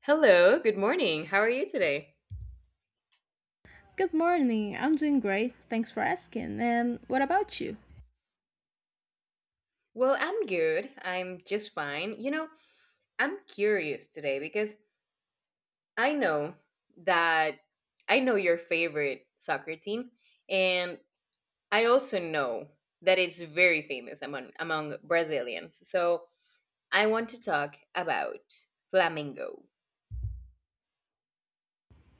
Hello, good morning. How are you today? Good morning. I'm doing great. Thanks for asking. And what about you? Well, I'm good. I'm just fine. You know, I'm curious today because I know that I know your favorite soccer team, and I also know that it's very famous among Brazilians. So I want to talk about Flamengo.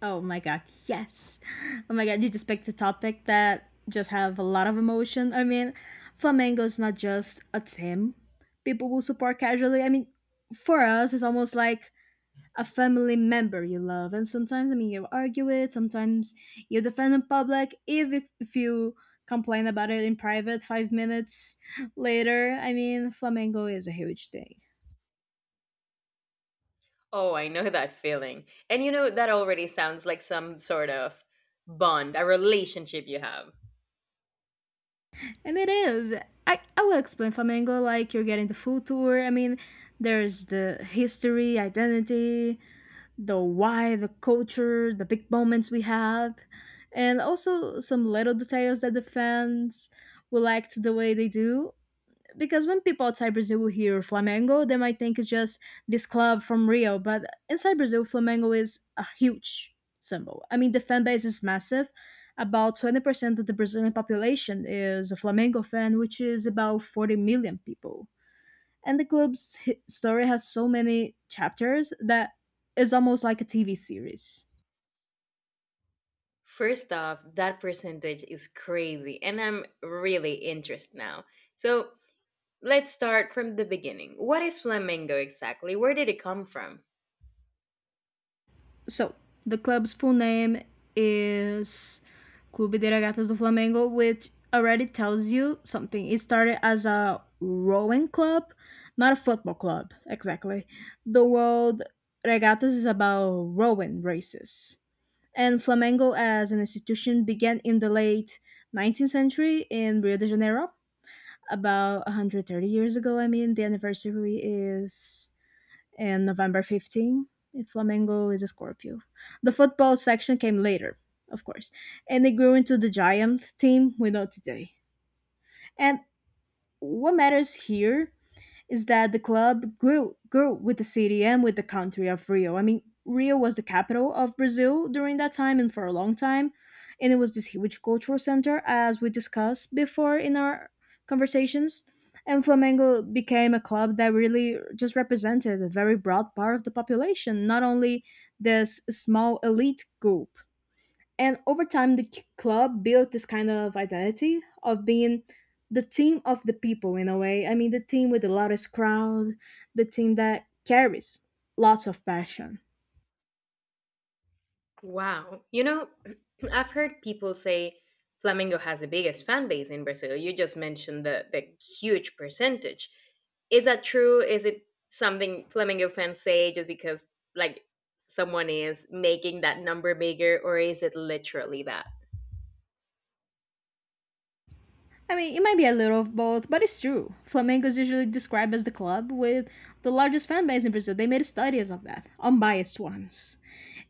Oh my god, yes. Oh my god, you just picked a topic that just have a lot of emotion. I mean, Flamengo is not just a team people will support casually. I mean, for us, it's almost like a family member you love. And sometimes, I mean, you argue it. Sometimes you defend in public. If you complain about it in private 5 minutes later, I mean, Flamengo is a huge thing. Oh, I know that feeling. And you know, that already sounds like some sort of bond, a relationship you have. And it is. I will explain Flamengo like you're getting the full tour. I mean, there's the history, identity, the why, the culture, the big moments we had, and also some little details that the fans will like to the way they do because when people outside Brazil will hear Flamengo, they might think it's just this club from Rio. But inside Brazil, Flamengo is a huge symbol. I mean, the fan base is massive. About 20% of the Brazilian population is a Flamengo fan, which is about 40 million people. And the club's story has so many chapters that it's almost like a TV series. First off, that percentage is crazy, and I'm really interested now. So let's start from the beginning. What is flamenco exactly? Where did it come from? So, the club's full name is Clube de Regatas do Flamengo, which already tells you something. It started as a rowing club, not a football club, exactly. The world regatas is about rowing races. And Flamengo as an institution began in the late 19th century in Rio de Janeiro, about 130 years ago. I mean, the anniversary is and November 15th, Flamengo is a Scorpio. The football section came later, of course, and it grew into the giant team we know today. And what matters here is that the club grew with the city and with the country of Rio. I mean, Rio was the capital of Brazil during that time and for a long time, and it was this huge cultural center as we discussed before in our conversations. And Flamengo became a club that really just represented a very broad part of the population, not only this small elite group. And over time, the club built this kind of identity of being the team of the people in a way. I mean, the team with the loudest crowd, the team that carries lots of passion. Wow. You know, I've heard people say Flamengo has the biggest fan base in Brazil. You just mentioned the huge percentage. Is that true? Is it something Flamengo fans say just because, like, someone is making that number bigger, or is it literally that? I mean, it might be a little of both, but it's true. Flamengo is usually described as the club with the largest fan base in Brazil. They made studies of that, unbiased ones.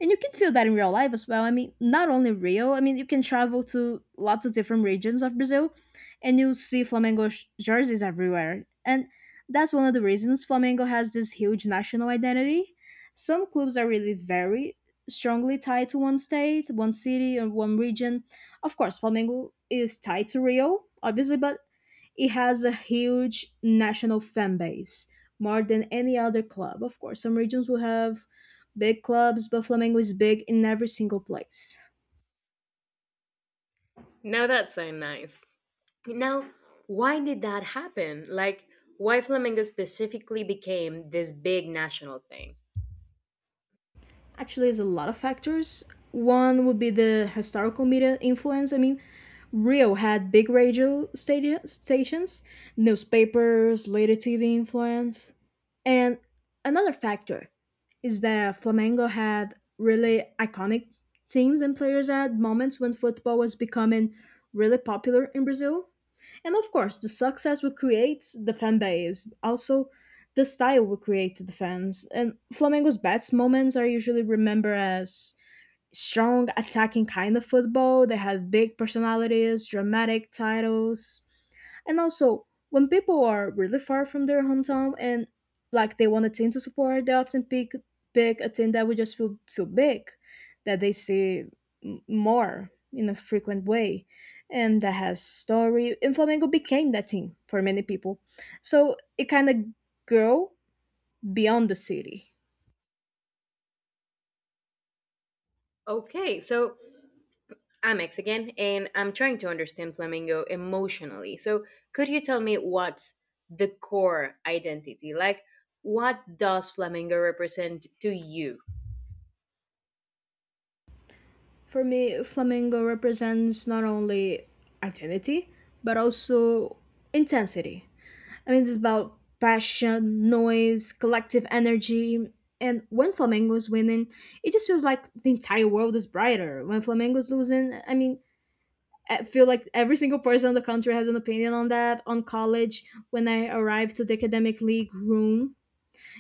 And you can feel that in real life as well. I mean, not only Rio, I mean, you can travel to lots of different regions of Brazil and you see Flamengo jerseys everywhere. And that's one of the reasons Flamengo has this huge national identity. Some clubs are really very strongly tied to one state, one city, or one region of course, Flamengo is tied to Rio, obviously, but it has a huge national fan base, more than any other club. Of course, some regions will have big clubs, but Flamengo is big in every single place. No, that's so nice. Now, why did that happen? Like, why Flamingo specifically became this big national thing? Actually, there's a lot of factors. One would be the historical media influence. I mean, Rio had big radio stations, newspapers, later TV influence. And another factor is that Flamengo had really iconic teams and players at moments when football was becoming really popular in Brazil. And of course, the success would create the fan base, also the style would create the fans. And Flamengo's best moments are usually remembered as strong attacking kind of football. They have big personalities, dramatic titles, and also when people are really far from their hometown and like they want a team to support, they often pick a team that would just feel big, that they see more in a frequent way, and that has story. And Flamengo became that team for many people, so it kind of grew beyond the city. Okay, so I'm X again, and I'm trying to understand Flamingo emotionally. So, could you tell me what's the core identity? Like, what does Flamingo represent to you? For me, flamingo represents not only identity, but also intensity. I mean, it's about passion, noise, collective energy. And when Flamengo is winning, it just feels like the entire world is brighter. When Flamengo is losing, I mean, I feel like every single person in the country has an opinion on that. On college, when I arrived to the academic league room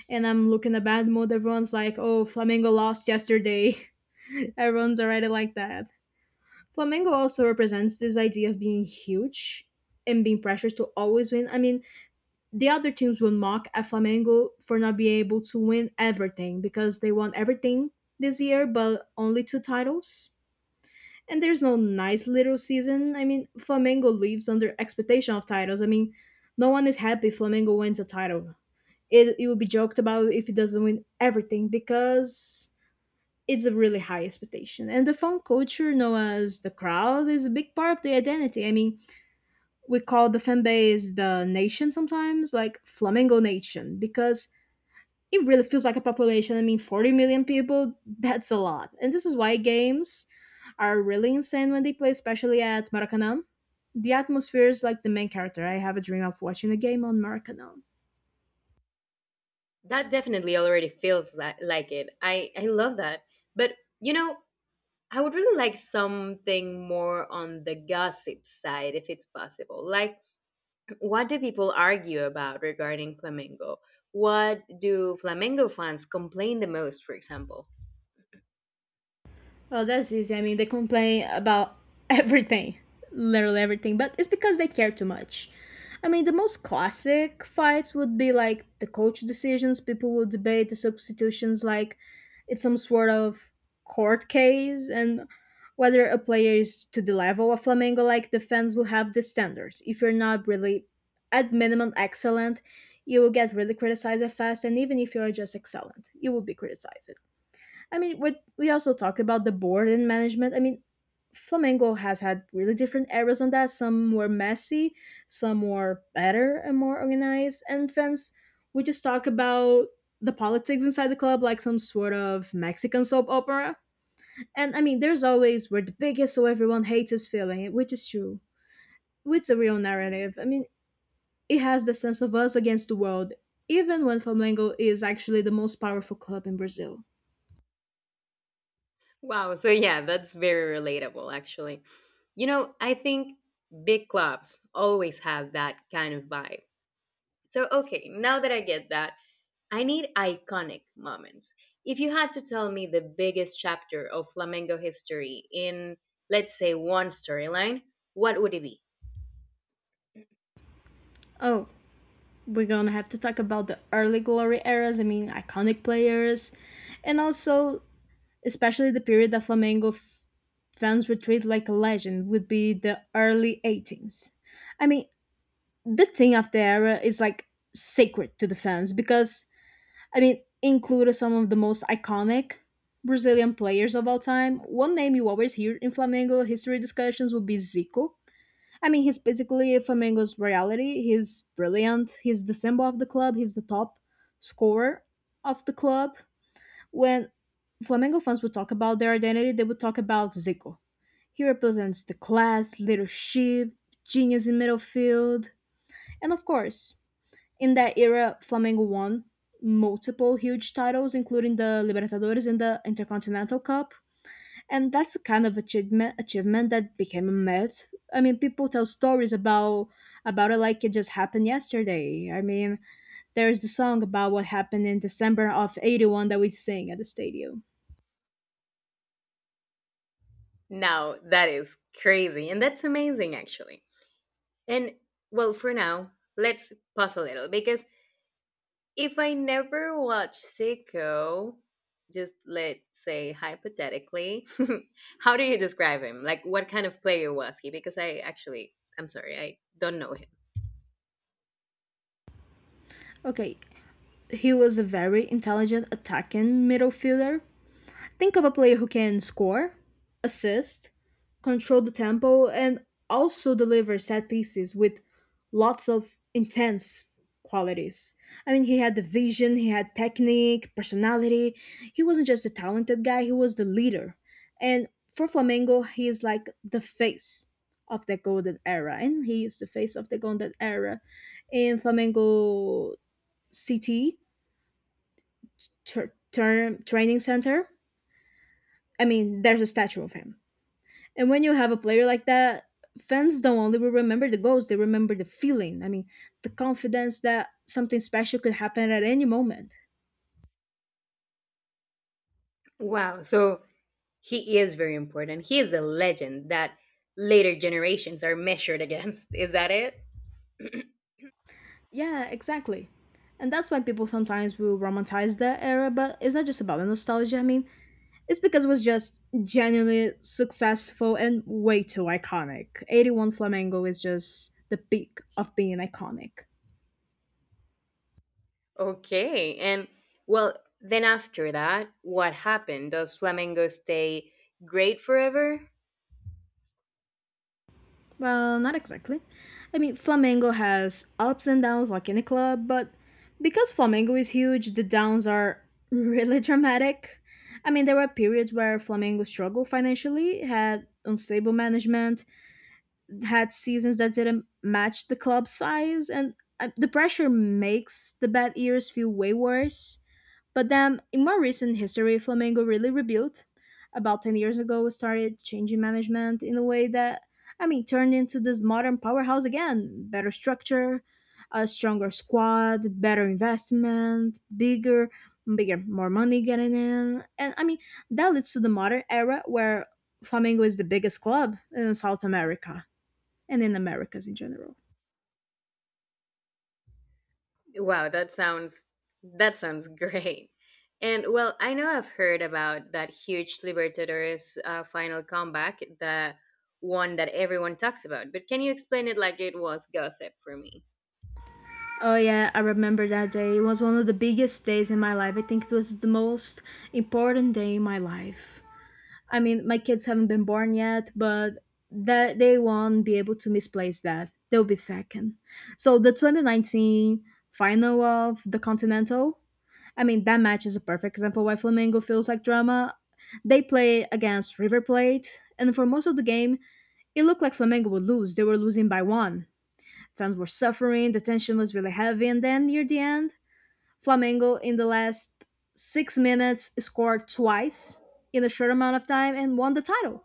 and I'm looking a bad mood, everyone's like, oh, Flamengo lost yesterday. Everyone's already like that. Flamengo also represents this idea of being huge and being pressured to always win. I mean, the other teams will mock at Flamengo for not being able to win everything because they won everything this year, but only two titles. And there's no nice little season. I mean, Flamengo lives under expectation of titles. I mean, no one is happy if Flamengo wins a title. It will be joked about if it doesn't win everything because it's a really high expectation. And the fan culture, known as the crowd, is a big part of the identity. I mean, we call the fan base the nation sometimes, like Flamengo Nation, because it really feels like a population. I mean, 40 million people, that's a lot. And this is why games are really insane when they play, especially at Maracanã. The atmosphere is like the main character. I have a dream of watching a game on Maracanã. That definitely already feels li- like it. I love that. But, you know, I would really like something more on the gossip side if it's possible. Like, what do people argue about regarding Flamengo? What do Flamengo fans complain the most, for example? Well, that's easy. I mean, they complain about everything, literally everything, but it's because they care too much. I mean, the most classic fights would be like the coach decisions. People will debate the substitutions like it's some sort of court case and whether a player is to the level of Flamengo, like the fans will have the standards. If you're not really at minimum excellent, you will get really criticized fast, and even if you are just excellent, you will be criticized. I mean, what we also talked about the board and management. I mean, Flamengo has had really different eras on that. Some were messy, some were better and more organized. And fans, we just talk about the politics inside the club like some sort of Mexican soap opera. And I mean, there's always we're the biggest, so everyone hates us feeling, which is true. It's a real narrative. I mean, it has the sense of us against the world, even when Flamengo is actually the most powerful club in Brazil. Wow, so yeah, that's very relatable, actually. You know, I think big clubs always have that kind of vibe. So, okay, now that I get that, I need iconic moments. If you had to tell me the biggest chapter of Flamengo history in, let's say, one storyline, what would it be? Oh, we're gonna have to talk about the early glory eras. I mean, iconic players, and also especially the period that Flamengo fans were treated like a legend would be the early 18s. I mean, the thing of the era is like sacred to the fans because I mean, included some of the most iconic Brazilian players of all time. One name you always hear in Flamengo history discussions would be Zico. I mean, he's basically Flamengo's reality. He's brilliant. He's the symbol of the club. He's the top scorer of the club. When Flamengo fans would talk about their identity, they would talk about Zico. He represents the class, leadership, genius in midfield. And of course, in that era, Flamengo won multiple huge titles, including the Libertadores and the Intercontinental Cup and that's the kind of achievement that became a myth. I mean, people tell stories about it like it just happened yesterday. I mean, there's the song about what happened in December of '81 that we sing at the stadium. Now, that is crazy, and that's amazing, actually. And well, for now, let's pause a little because if I never watch Sicko, just let's say hypothetically, how do you describe him? Like, what kind of player was he? Because I actually, I'm sorry, I don't know him. Okay, he was a very intelligent attacking middle fielder. Think of a player who can score, assist, control the tempo, and also deliver set pieces with lots of intense qualities. I mean, he had the vision, he had technique, personality. He wasn't just a talented guy, he was the leader. And for Flamengo, he is like the face of the golden era, and he is the face of the golden era in Flamengo City Training Center. I mean, there's a statue of him. And when you have a player like that, fans don't only will remember the goals, they remember the feeling. I mean, the confidence that something special could happen at any moment. Wow. So he is very important. He is a legend that later generations are measured against. Is that it? Yeah, exactly. And that's why people sometimes will romanticize that era, but it's not just about the nostalgia. I mean, it's because it was just genuinely successful and way too iconic. 81 Flamengo is just the peak of being iconic. Okay. And well, then after that, what happened? Does Flamengo stay great forever? Well, not exactly. I mean, Flamengo has ups and downs like any club, but because Flamengo is huge, the downs are really dramatic. I mean, there were periods where Flamengo struggled financially, had unstable management, had seasons that didn't match the club size, and the pressure makes the bad years feel way worse. But then, in more recent history, Flamengo really rebuilt. About 10 years ago, started changing management in a way that, I mean, turned into this modern powerhouse again. Better structure, a stronger squad, better investment, bigger, more money getting in. And I mean, that leads to the modern era where Flamengo is the biggest club in South America and in Americas in general. Wow, that sounds great. And well, I know I've heard about that huge Libertadores final comeback, the one that everyone talks about. But can you explain it like it was gossip for me? Oh yeah, I remember that day. It was one of the biggest days in my life. I think it was the most important day in my life. I mean, my kids haven't been born yet, but that they won't be able to misplace that. They'll be second. So the 2019 final of the Continental. I mean, that match is a perfect example why Flamengo feels like drama. They play against River Plate, and for most of the game, it looked like Flamengo would lose. They were losing by one. Fans were suffering, the tension was really heavy, and then near the end, Flamengo in the last 6 minutes scored twice in a short amount of time and won the title.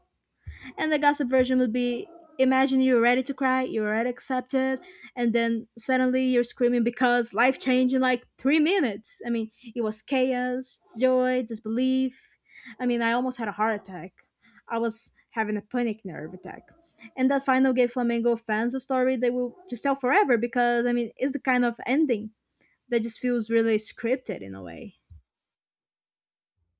And the gossip version would be imagine you're ready to cry, you're already accepted, and then suddenly you're screaming because life changed in like 3 minutes. I mean, it was chaos, joy, disbelief. I mean, I almost had a heart attack. I was having a panic nerve attack. And that final gave Flamengo fans a story they will just tell forever because, I mean, it's the kind of ending that just feels really scripted in a way.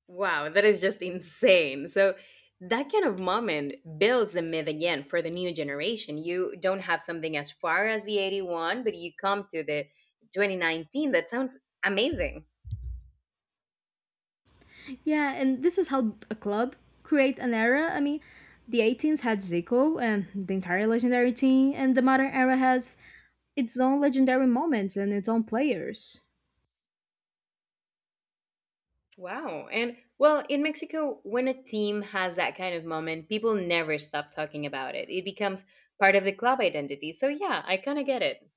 Wow, that is just insane. So that kind of moment builds the myth again for the new generation. You don't have something as far as the 81, but you come to the 2019. That sounds amazing. Yeah, and this is how a club create an era. I mean, the 18s had Zico and the entire legendary team, and the modern era has its own legendary moments and its own players. Wow. And well, in Mexico, when a team has that kind of moment, people never stop talking about it. It becomes part of the club identity. So, yeah, I kind of get it.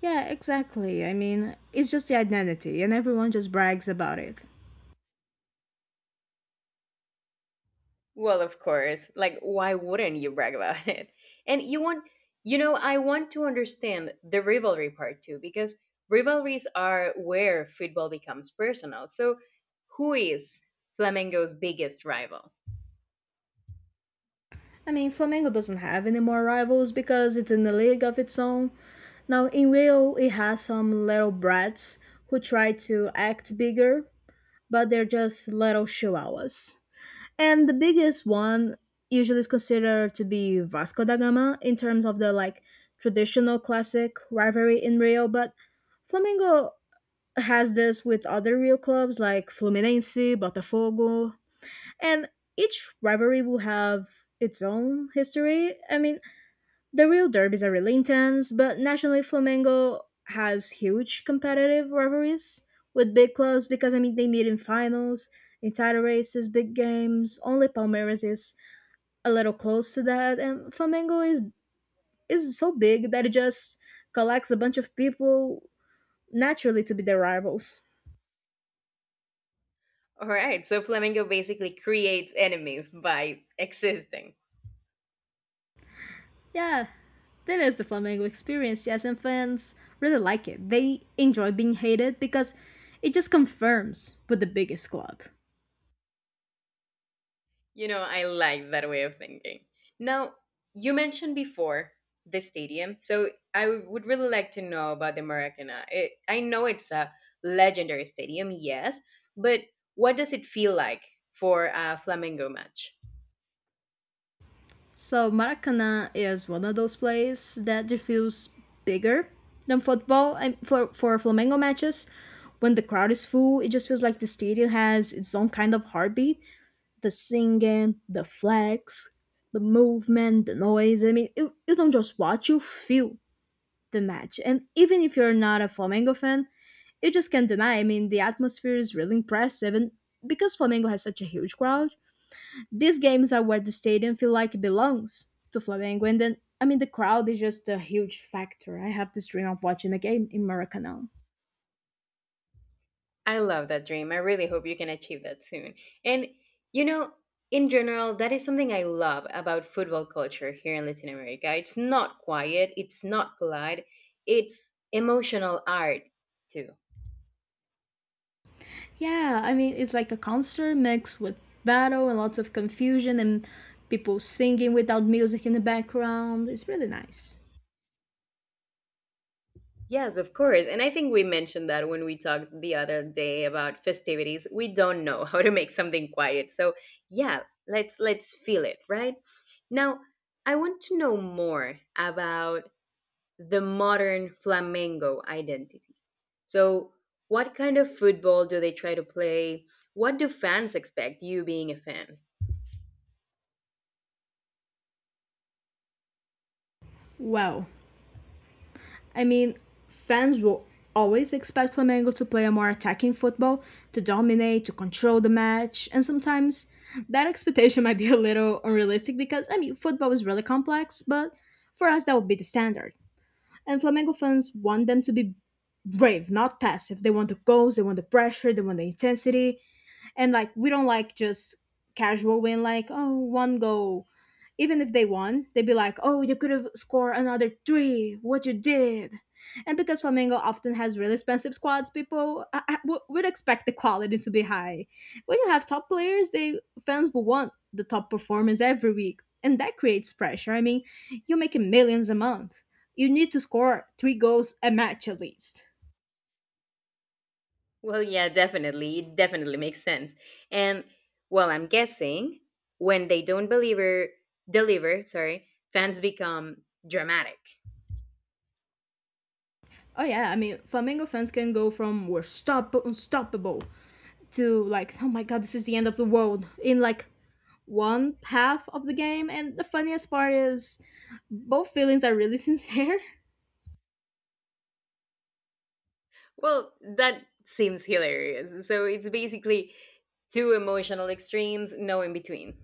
Yeah, exactly. I mean, it's just the identity, and everyone just brags about it. Well, of course. Like, why wouldn't you brag about it? And you want, you know, I want to understand the rivalry part too, because rivalries are where football becomes personal. So, who is Flamengo's biggest rival? I mean, Flamengo doesn't have any more rivals because it's in a league of its own. Now, in Rio, it has some little brats who try to act bigger, but they're just little chihuahuas. And the biggest one usually is considered to be Vasco da Gama in terms of the like traditional classic rivalry in Rio, but Flamengo has this with other Rio clubs like Fluminense, Botafogo, and each rivalry will have its own history. I mean, the real derbies are really intense, but nationally Flamengo has huge competitive rivalries with big clubs because, I mean, they meet in finals, in title races, big games. Only Palmeiras is a little close to that, and Flamengo is so big that it just collects a bunch of people naturally to be their rivals. All right. So, Flamengo basically creates enemies by existing. Yeah, that is the Flamengo experience, yes, and fans really like it. They enjoy being hated because it just confirms with the biggest club. You know, I like that way of thinking. Now, you mentioned before the stadium, so I would really like to know about the Maracanã. It, I know it's a legendary stadium, yes, but what does it feel like for a Flamengo match? So Maracanã is one of those places that it feels bigger than football. And for Flamengo matches, when the crowd is full, it just feels like the stadium has its own kind of heartbeat. The singing, the flags, the movement, the noise. I mean, you don't just watch; you feel the match. And even if you're not a Flamengo fan, you just can't deny. I mean, the atmosphere is really impressive, and because Flamengo has such a huge crowd, these games are where the stadium feel like it belongs to Flamengo. And then, I mean, the crowd is just a huge factor. I have this dream of watching a game in Maracanã. I love that dream. I really hope you can achieve that soon. And, you know, in general, that is something I love about football culture here in Latin America. It's not quiet, it's not polite, it's emotional art, too. Yeah, I mean, it's like a concert mixed with battle and lots of confusion and people singing without music in the background. It's really nice. Yes, of course. And I think we mentioned that when we talked the other day about festivities. We don't know how to make something quiet. So, yeah, let's feel it, right? Now, I want to know more about the modern flamenco identity. So, what kind of football do they try to play? What do fans expect, you being a fan? Wow, I mean, fans will always expect Flamengo to play a more attacking football, to dominate, to control the match, and sometimes that expectation might be a little unrealistic because, I mean, football is really complex, but for us, that would be the standard. And Flamengo fans want them to be brave, not passive. They want the goals, they want the pressure, they want the intensity. And, like, we don't like just casual win, like, oh, one goal. Even if they won, they'd be like, "Oh, you could have scored another three. What you did." And because Flamengo often has really expensive squads, people I would expect the quality to be high. When you have top players, they fans will want the top performance every week, and that creates pressure. I mean, you're making millions a month. You need to score three goals a match at least. Well, yeah, definitely. It definitely makes sense. And well, I'm guessing when they don't deliver, deliver, sorry, fans become dramatic. Oh yeah, I mean, Flamengo fans can go from we're unstoppable to like, oh my god, this is the end of the world in like one half of the game. And the funniest part is both feelings are really sincere. Well, that seems hilarious. So it's basically two emotional extremes, no in between.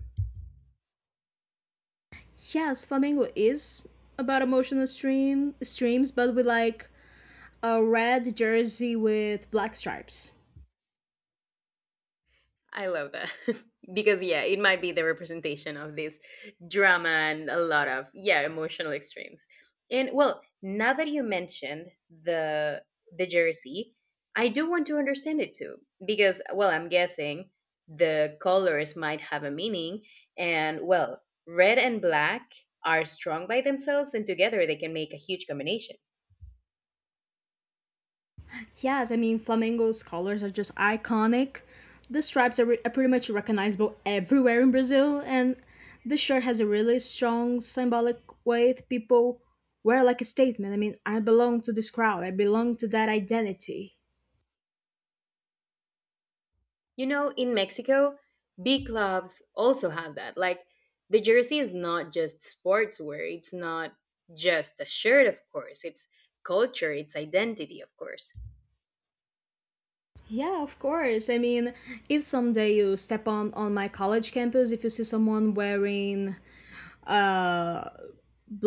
Yes, Flamengo is about emotional streams, but with like a red jersey with black stripes. I love that. Because yeah, it might be the representation of this drama and a lot of yeah, emotional extremes. And well, now that you mentioned the jersey, I do want to understand it too because well, I'm guessing the colors might have a meaning and well, red and black are strong by themselves and together they can make a huge combination. Yes, I mean Flamengo's colors are just iconic. The stripes are pretty much recognizable everywhere in Brazil, and the shirt has a really strong symbolic weight. People wear like a statement. I mean, I belong to this crowd. I belong to that identity. You know, in Mexico, big clubs also have that. Like the jersey is not just sportswear, it's not just a shirt, of course. It's culture, it's identity, of course. Yeah, of course. I mean, if someday you step on my college campus, if you see someone wearing a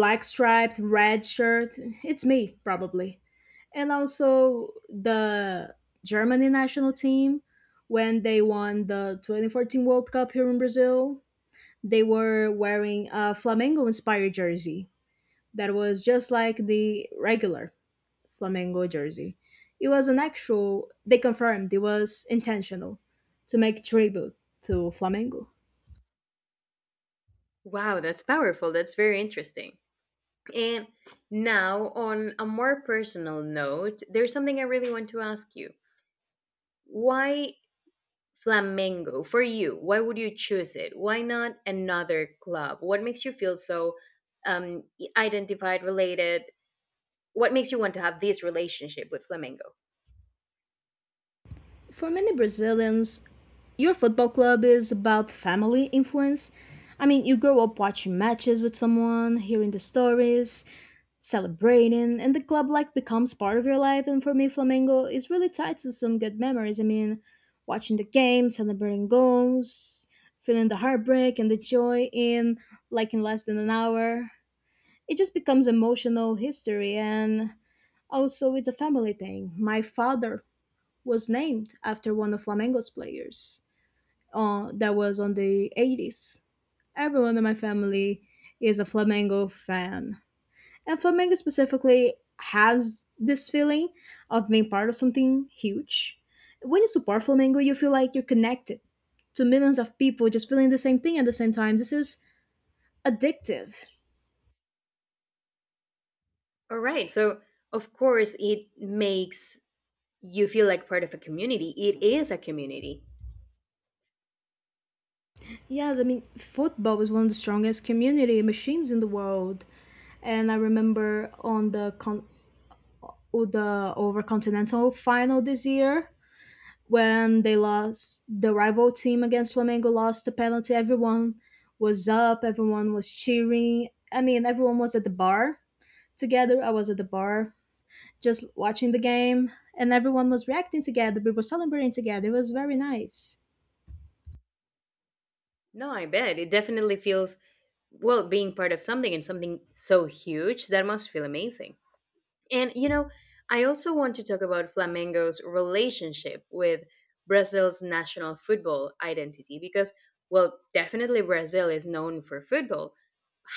black striped red shirt, it's me probably. And also the Germany national team when they won the 2014 World Cup here in Brazil, they were wearing a Flamengo inspired jersey that was just like the regular Flamengo jersey. It was an actual, they confirmed it was intentional to make tribute to Flamengo. Wow, that's powerful. That's very interesting. And now, on a more personal note, there's something I really want to ask you. Why Flamengo for you? Why would you choose it? Why not another club? What makes you feel so um, identified, related, what makes you want to have this relationship with flamenco? For many Brazilians, your football club is about family influence. I mean, you grow up watching matches with someone, hearing the stories, celebrating, and the club like becomes part of your life. And for me, Flamengo is really tied to some good memories. I mean, watching the game, celebrating goals, feeling the heartbreak and the joy in like in less than an hour. It just becomes emotional history, and also it's a family thing. My father was named after one of Flamengo's players that was on the 80s. Everyone in my family is a Flamengo fan. And Flamengo specifically has this feeling of being part of something huge. When you support Flamengo, you feel like you're connected to millions of people just feeling the same thing at the same time. This is addictive. All right. So, of course, it makes you feel like part of a community. It is a community. Yes, I mean, football is one of the strongest community machines in the world. And I remember on the or the over continental final this year when they lost the rival team against Flamengo lost a penalty. Everyone was up, everyone was cheering. I mean, everyone was at the bar together. I was at the bar just watching the game, and everyone was reacting together. We were celebrating together. It was very nice. No, I bet. It definitely feels, well, being part of something and something so huge, that must feel amazing. And you know, I also want to talk about Flamengo's relationship with Brazil's national football identity because, well, definitely Brazil is known for football.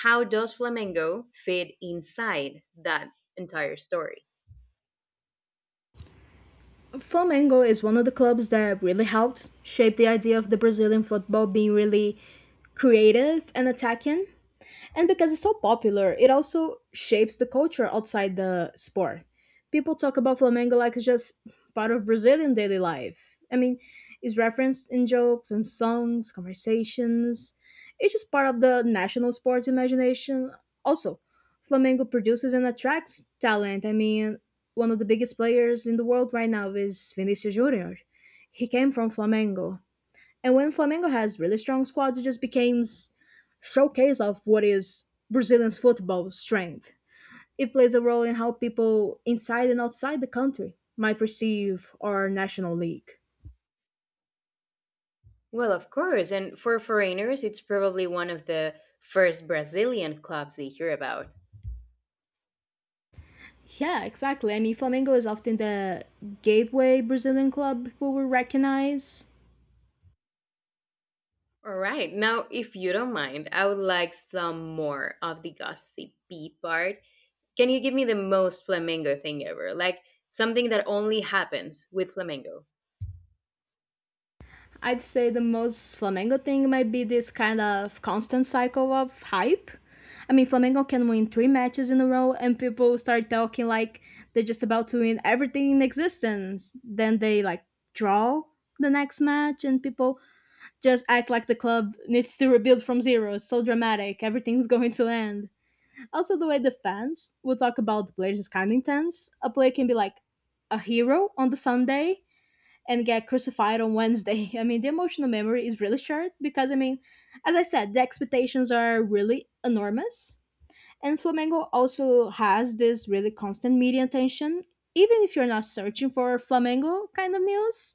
How does Flamengo fit inside that entire story? Flamengo is one of the clubs that really helped shape the idea of the Brazilian football being really creative and attacking. And because it's so popular, it also shapes the culture outside the sport. People talk about Flamengo like it's just part of Brazilian daily life. I mean, it's referenced in jokes and songs, conversations. It's just part of the national sports imagination. Also, Flamengo produces and attracts talent. I mean, one of the biggest players in the world right now is Vinicius Junior. He came from Flamengo. And when Flamengo has really strong squads, it just becomes showcase of what is Brazilian football strength. It plays a role in how people inside and outside the country might perceive our national league. Well, of course, and for foreigners, it's probably one of the first Brazilian clubs they hear about. Yeah, exactly. I mean, Flamengo is often the gateway Brazilian club people will recognize. All right, now, if you don't mind, I would like some more of the gossipy part. Can you give me the most Flamengo thing ever? Like something that only happens with Flamengo. I'd say the most Flamengo thing might be this kind of constant cycle of hype. I mean, Flamengo can win three matches in a row, and people start talking like they're just about to win everything in existence. Then they like draw the next match, and people just act like the club needs to rebuild from zero. It's so dramatic. Everything's going to end. Also, the way the fans will talk about the players is kind of intense. A player can be like a hero on the Sunday, and get crucified on Wednesday. I mean, the emotional memory is really short because, I mean, as I said, the expectations are really enormous. And Flamengo also has this really constant media attention. Even if you're not searching for Flamengo kind of news,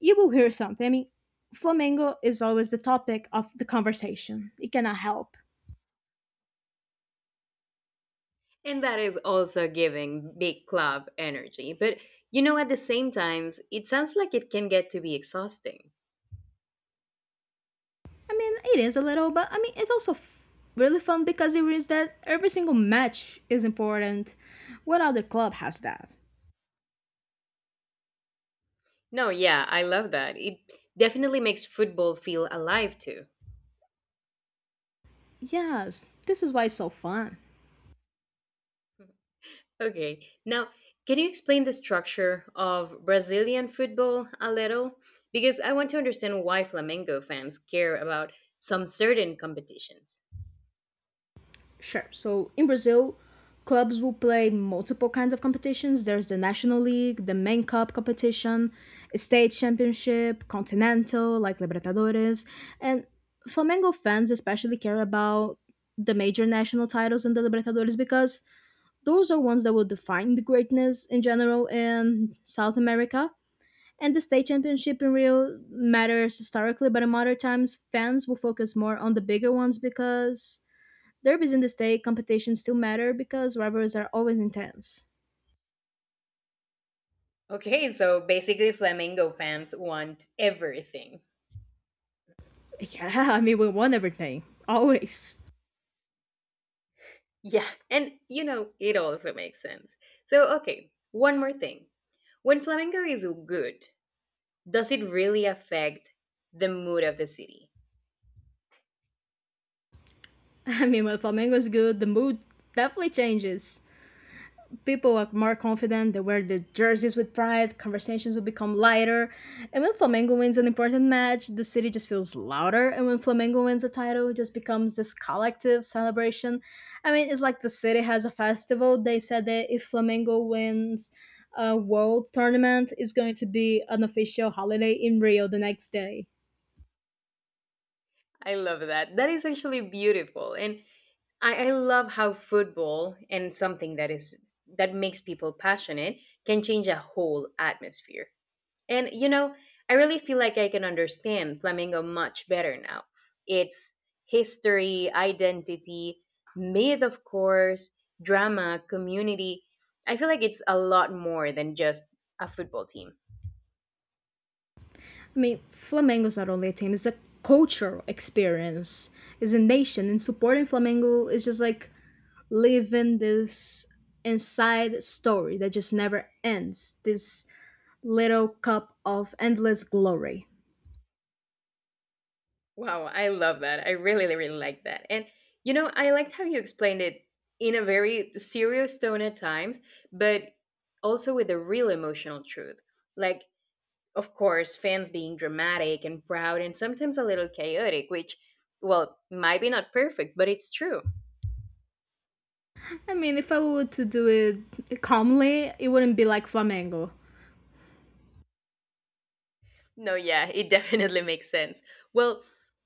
you will hear something. I mean, Flamengo is always the topic of the conversation. It cannot help. And that is also giving big club energy. But you know, at the same times, it sounds like it can get to be exhausting. I mean, it is a little, but I mean, it's also really fun because it means that every single match is important. What other club has that? No, yeah, I love that. It definitely makes football feel alive too. Yes, this is why it's so fun. Okay, now can you explain the structure of Brazilian football a little? Because I want to understand why Flamengo fans care about some certain competitions. Sure. So in Brazil, clubs will play multiple kinds of competitions. There's the National League, the Main Cup competition, state championship, continental like Libertadores, and Flamengo fans especially care about the major national titles in the Libertadores because those are ones that will define the greatness in general in South America. And the state championship in Rio matters historically, but in modern times, fans will focus more on the bigger ones because derbies in the state competitions still matter because rivalries are always intense. Okay, so basically, Flamengo fans want everything. Yeah, I mean, we won everything. Always. Yeah, and you know, it also makes sense. So, okay, one more thing. When Flamengo is good, does it really affect the mood of the city? I mean, when Flamengo is good, the mood definitely changes. People are more confident, they wear their jerseys with pride, conversations will become lighter. And when Flamengo wins an important match, the city just feels louder. And when Flamengo wins a title, it just becomes this collective celebration. I mean, it's like the city has a festival. They said that if Flamengo wins a world tournament, it's going to be an official holiday in Rio the next day. I love that. That is actually beautiful. And I love how football and something that makes people passionate can change a whole atmosphere. And you know, I really feel like I can understand flamingo much better now. Its history, identity, myth, of course, drama, community. I feel like it's a lot more than just a football team. I mean, Flamengo's not only a team, it's a cultural experience. It's a nation. And supporting Flamengo is just like live in this inside story that just never ends. This little cup of endless glory. Wow, I love that. I really, really like that. And you know, I liked how you explained it in a very serious tone at times, but also with a real emotional truth. Like of course, fans being dramatic and proud and sometimes a little chaotic, which, well, might be not perfect, but it's true. I mean, if I were to do it calmly, it wouldn't be like Flamengo. No, yeah, it definitely makes sense. Well,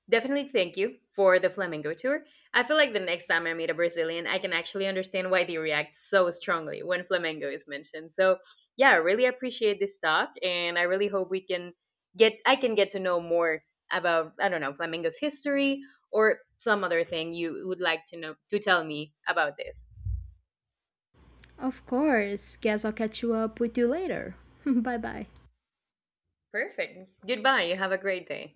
definitely thank you for the Flamengo tour. I feel like the next time I meet a Brazilian, I can actually understand why they react so strongly when Flamengo is mentioned. So, yeah, I really appreciate this talk and I really hope we can get I can get to know more about I don't know, Flamengo's history or some other thing you would like to know to tell me about this. Of course, guess I'll catch you up with you later. Bye bye. Perfect. Goodbye. You have a great day.